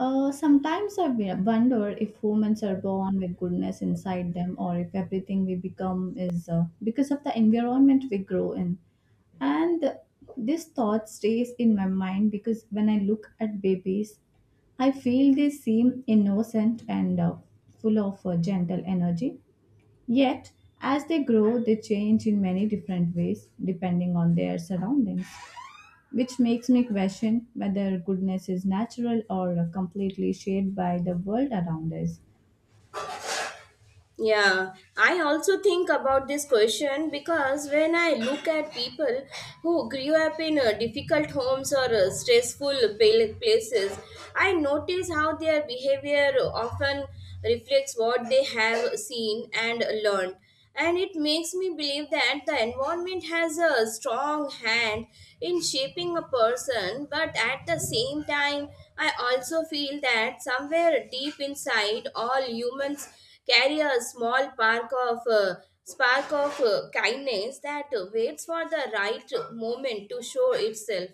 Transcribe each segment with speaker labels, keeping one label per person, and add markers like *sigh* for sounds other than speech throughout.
Speaker 1: Sometimes I wonder if humans are born with goodness inside them or if everything we become is because of the environment we grow in. And this thought stays in my mind because when I look at babies, I feel they seem innocent and full of gentle energy. Yet, as they grow, they change in many different ways depending on their surroundings which makes me question whether goodness is natural or completely shaped by the world around us.
Speaker 2: Yeah, I also think about this question because when I look at people who grew up in difficult homes or stressful places, I notice how their behavior often reflects what they have seen and learned, and it makes me believe that the environment has a strong hand in shaping a person, but at the same time I also feel that somewhere deep inside all humans carry a small spark of kindness that waits for the right moment to show itself.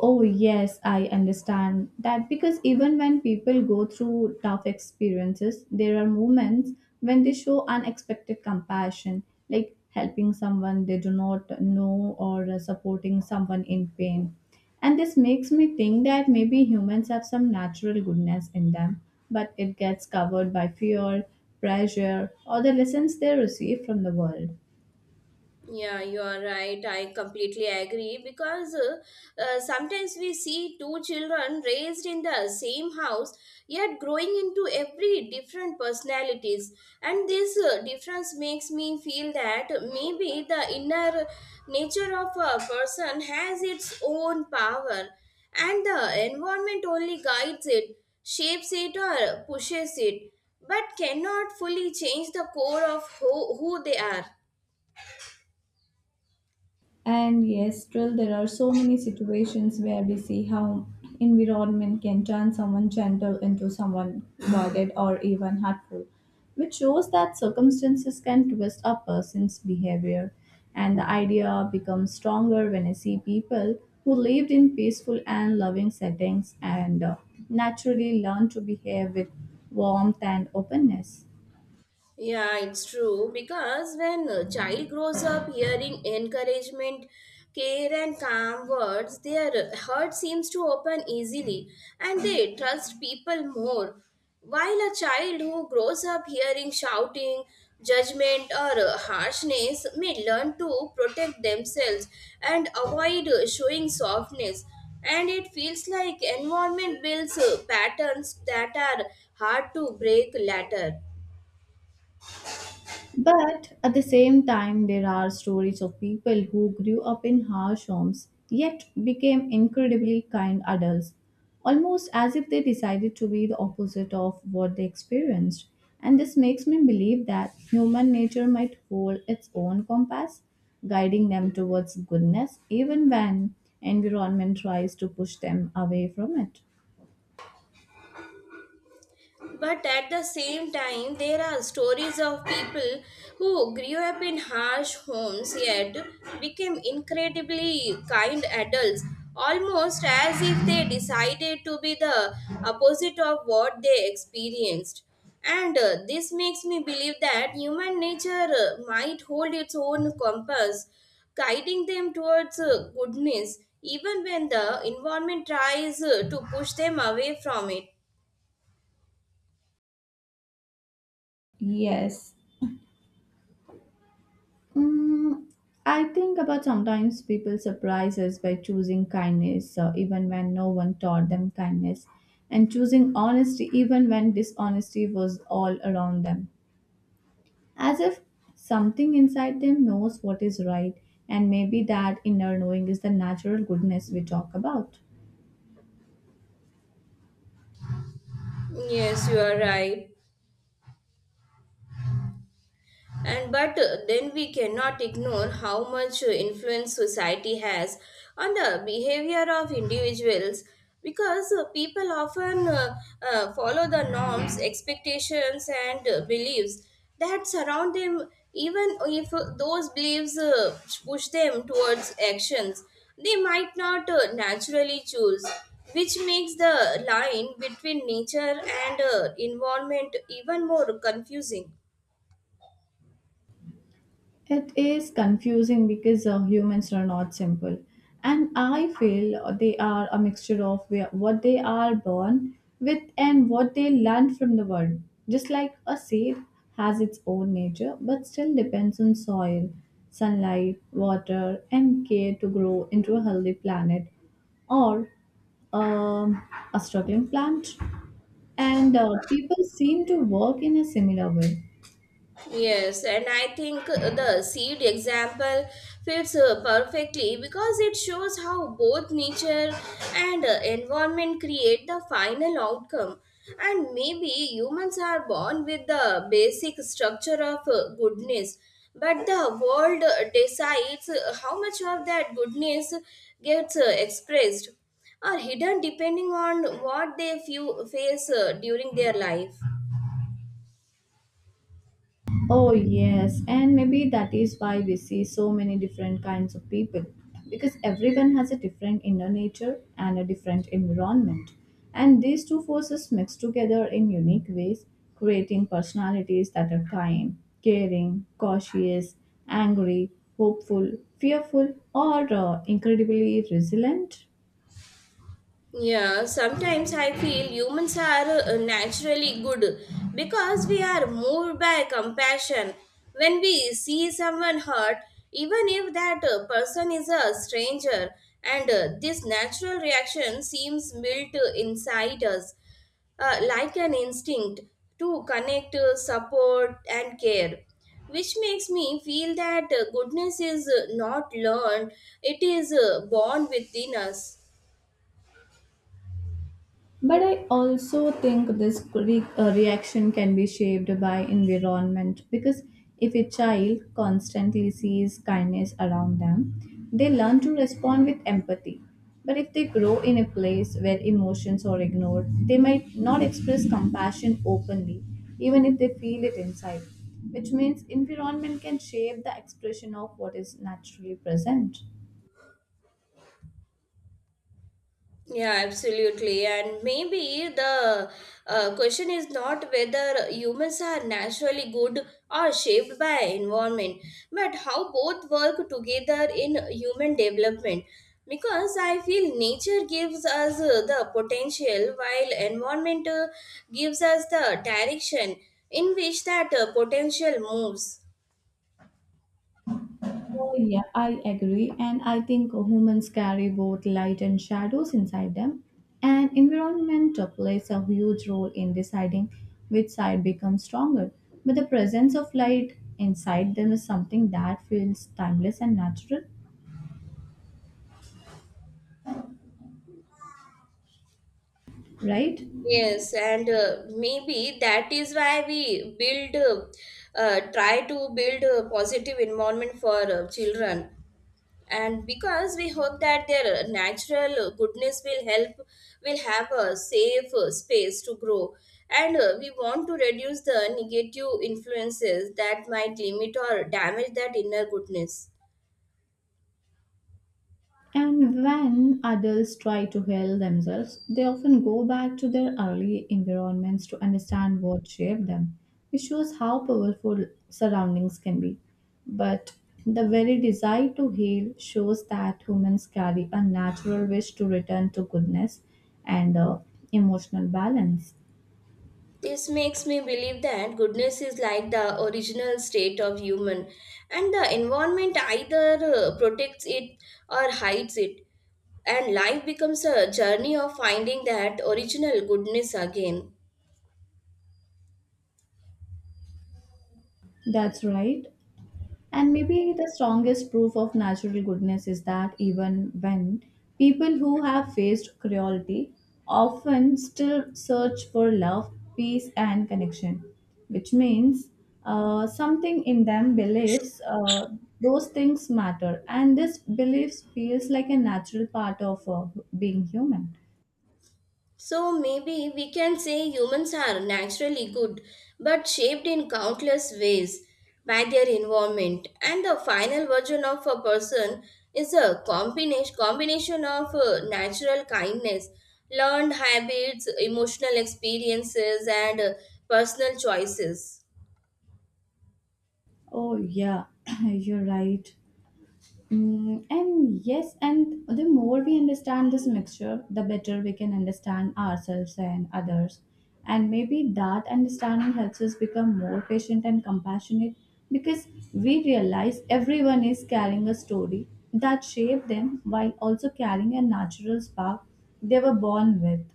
Speaker 1: Oh, yes, I understand that because even when people go through tough experiences, there are moments when they show unexpected compassion, like helping someone they do not know or supporting someone in pain. And this makes me think that maybe humans have some natural goodness in them, but it gets covered by fear, pressure, or the lessons they receive from the world.
Speaker 2: Yeah, you are right. I completely agree because sometimes we see two children raised in the same house yet growing into every different personalities, and this difference makes me feel that maybe the inner nature of a person has its own power, and the environment only guides it, shapes it, or pushes it, but cannot fully change the core of who they are.
Speaker 1: And yes, still there are so many situations where we see how environment can turn someone gentle into someone guarded or even hurtful, which shows that circumstances can twist a person's behavior. And the idea becomes stronger when I see people who lived in peaceful and loving settings and naturally learn to behave with warmth and openness.
Speaker 2: Yeah, it's true because when a child grows up hearing encouragement, care, and calm words, their heart seems to open easily and they trust people more. While a child who grows up hearing shouting, judgment, or harshness may learn to protect themselves and avoid showing softness. And it feels like environment builds patterns that are hard to break later.
Speaker 1: But at the same time, there are stories of people who grew up in harsh homes yet became incredibly kind adults, almost as if they decided to be the opposite of what they experienced. And this makes me believe that human nature might hold its own compass, guiding them towards goodness even when environment tries to push them away from it.
Speaker 2: But at the same time, there are stories of people who grew up in harsh homes yet became incredibly kind adults, almost as if they decided to be the opposite of what they experienced. And this makes me believe that human nature might hold its own compass, guiding them towards goodness, even when the environment tries to push them away from it.
Speaker 1: Mm, I think about sometimes people surprise us by choosing kindness, even when no one taught them kindness, and choosing honesty, even when dishonesty was all around them. As if something inside them knows what is right, and maybe that inner knowing is the natural goodness we talk about.
Speaker 2: Yes, you are right. And but then we cannot ignore how much influence society has on the behavior of individuals because people often follow the norms, expectations, and beliefs that surround them, even if those beliefs push them towards actions they might not naturally choose, which makes the line between nature and environment even more confusing.
Speaker 1: It is confusing because humans are not simple. And I feel they are a mixture of what they are born with and what they learn from the world. Just like a seed has its own nature but still depends on soil, sunlight, water, and care to grow into a healthy planet or um, a struggling plant. And people seem to work in a similar way.
Speaker 2: Yes, and I think the seed example fits perfectly because it shows how both nature and environment create the final outcome. And maybe humans are born with the basic structure of goodness, but the world decides how much of that goodness gets expressed or hidden depending on what they feel, face during their life.
Speaker 1: Oh, yes, and maybe that is why we see so many different kinds of people because everyone has a different inner nature and a different environment. And these two forces mix together in unique ways, creating personalities that are kind, caring, cautious, angry, hopeful, fearful, or incredibly resilient.
Speaker 2: Yeah, sometimes I feel humans are naturally good because we are moved by compassion. When we see someone hurt, even if that person is a stranger, and this natural reaction seems built inside us, like an instinct to connect, support, and care. Which makes me feel that goodness is not learned, it is born within us.
Speaker 1: But I also think this reaction can be shaped by environment because if a child constantly sees kindness around them, they learn to respond with empathy. But if they grow in a place where emotions are ignored, they might not express compassion openly, even if they feel it inside, which means environment can shape the expression of what is naturally present.
Speaker 2: Yeah, absolutely. And maybe the question is not whether humans are naturally good or shaped by environment, but how both work together in human development. Because I feel nature gives us the potential while environment gives us the direction in which that potential moves.
Speaker 1: Oh, yeah, I agree. And I think humans carry both light and shadows inside them. And environment plays a huge role in deciding which side becomes stronger. But the presence of light inside them is something that feels timeless and natural, right?
Speaker 2: Yes, and maybe that is why we try to build a positive environment for children. And because we hope that their natural goodness will will have a safe space to grow. And we want to reduce the negative influences that might limit or damage that inner goodness.
Speaker 1: And when adults try to heal themselves, they often go back to their early environments to understand what shaped them, which shows how powerful surroundings can be. But the very desire to heal shows that humans carry a natural wish to return to goodness and emotional balance.
Speaker 2: This makes me believe that goodness is like the original state of human, and the environment either protects it or hides it, and life becomes a journey of finding that original goodness again.
Speaker 1: That's right. And maybe the strongest proof of natural goodness is that even when people who have faced cruelty often still search for love, peace, and connection, which means something in them believes those things matter, and this belief feels like a natural part of being human.
Speaker 2: So maybe we can say humans are naturally good, but shaped in countless ways by their environment. And the final version of a person is a combination of natural kindness, learned habits, emotional experiences, and personal choices.
Speaker 1: Oh, yeah, *clears throat* you're right. Mm, and yes, and the more we understand this mixture, the better we can understand ourselves and others. And maybe that understanding helps us become more patient and compassionate because we realize everyone is carrying a story that shaped them while also carrying a natural spark they were born with.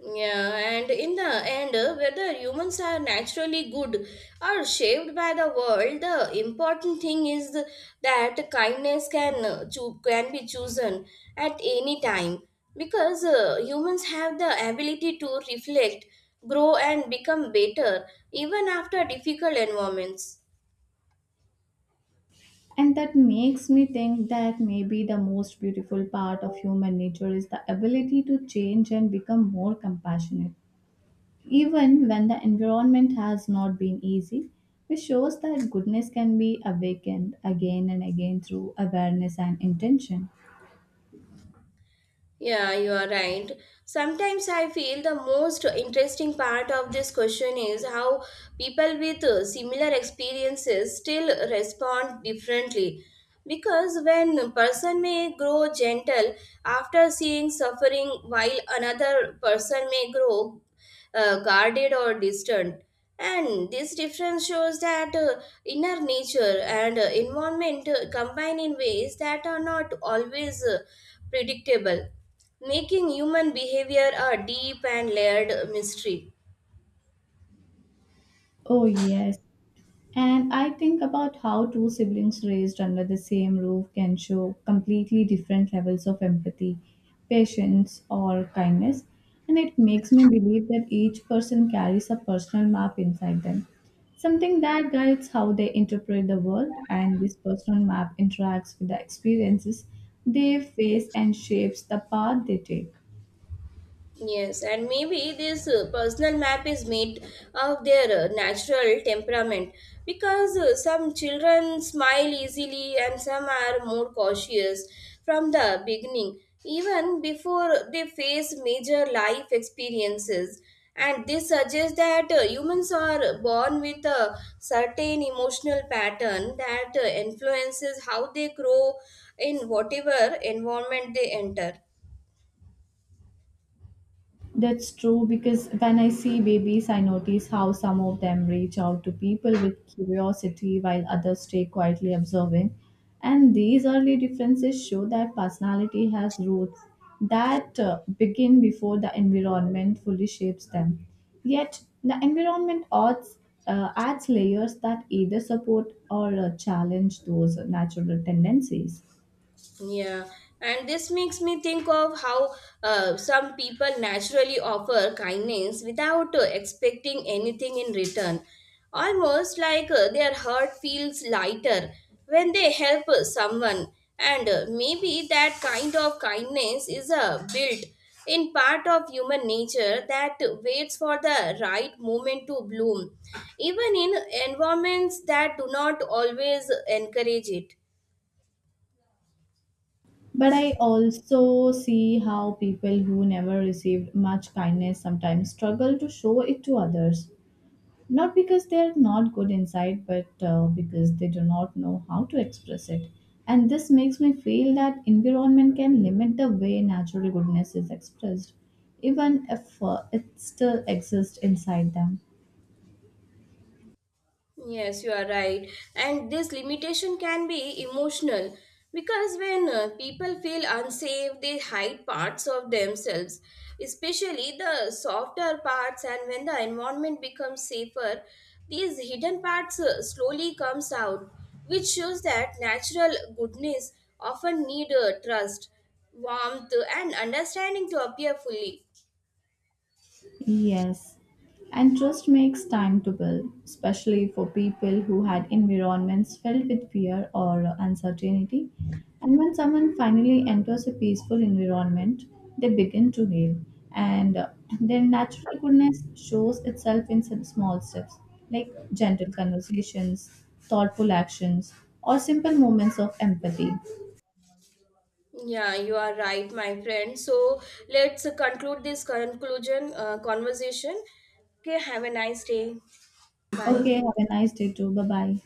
Speaker 2: Yeah, and in the end, whether humans are naturally good or shaped by the world, the important thing is that kindness can can be chosen at any time because humans have the ability to reflect, grow, and become better even after difficult environments.
Speaker 1: And that makes me think that maybe the most beautiful part of human nature is the ability to change and become more compassionate even when the environment has not been easy, which shows that goodness can be awakened again and again through awareness and intention.
Speaker 2: Yeah, you are right. Sometimes I feel the most interesting part of this question is how people with similar experiences still respond differently. Because when a person may grow gentle after seeing suffering, while another person may grow guarded or distant. And this difference shows that inner nature and environment combine in ways that are not always predictable, making human behavior a deep and layered mystery.
Speaker 1: Oh, yes. And I think about how two siblings raised under the same roof can show completely different levels of empathy, patience, or kindness. And it makes me believe that each person carries a personal map inside them, something that guides how they interpret the world, and this personal map interacts with the experiences they face and shapes the path they take.
Speaker 2: Yes, and maybe this personal map is made of their natural temperament because some children smile easily and some are more cautious from the beginning, even before they face major life experiences. And this suggests that humans are born with a certain emotional pattern that influences how they grow in whatever environment they enter.
Speaker 1: That's true because when I see babies, I notice how some of them reach out to people with curiosity while others stay quietly observing. And these early differences show that personality has roots that begin before the environment fully shapes them. Yet, the environment adds layers that either support or challenge those natural tendencies.
Speaker 2: Yeah, and this makes me think of how some people naturally offer kindness without expecting anything in return. Almost like their heart feels lighter when they help someone. And maybe that kind of kindness is a built in part of human nature that waits for the right moment to bloom, even in environments that do not always encourage it.
Speaker 1: But I also see how people who never received much kindness sometimes struggle to show it to others. Not because they are not good inside, but because they do not know how to express it. And this makes me feel that environment can limit the way natural goodness is expressed, even if it still exists inside them.
Speaker 2: Yes, you are right. And this limitation can be emotional because when people feel unsafe, they hide parts of themselves, especially the softer parts. And when the environment becomes safer, these hidden parts slowly comes out, which shows that natural goodness often need trust, warmth, and understanding to appear fully.
Speaker 1: Yes, and trust makes time to build, especially for people who had environments filled with fear or uncertainty. And when someone finally enters a peaceful environment, they begin to heal, and their natural goodness shows itself in some small steps like gentle conversations, thoughtful actions, or simple moments of empathy.
Speaker 2: Yeah, you are right, my friend. So let's conclude this conclusion conversation. Okay, have a nice day. Bye.
Speaker 1: Okay, have a nice day too. Bye bye.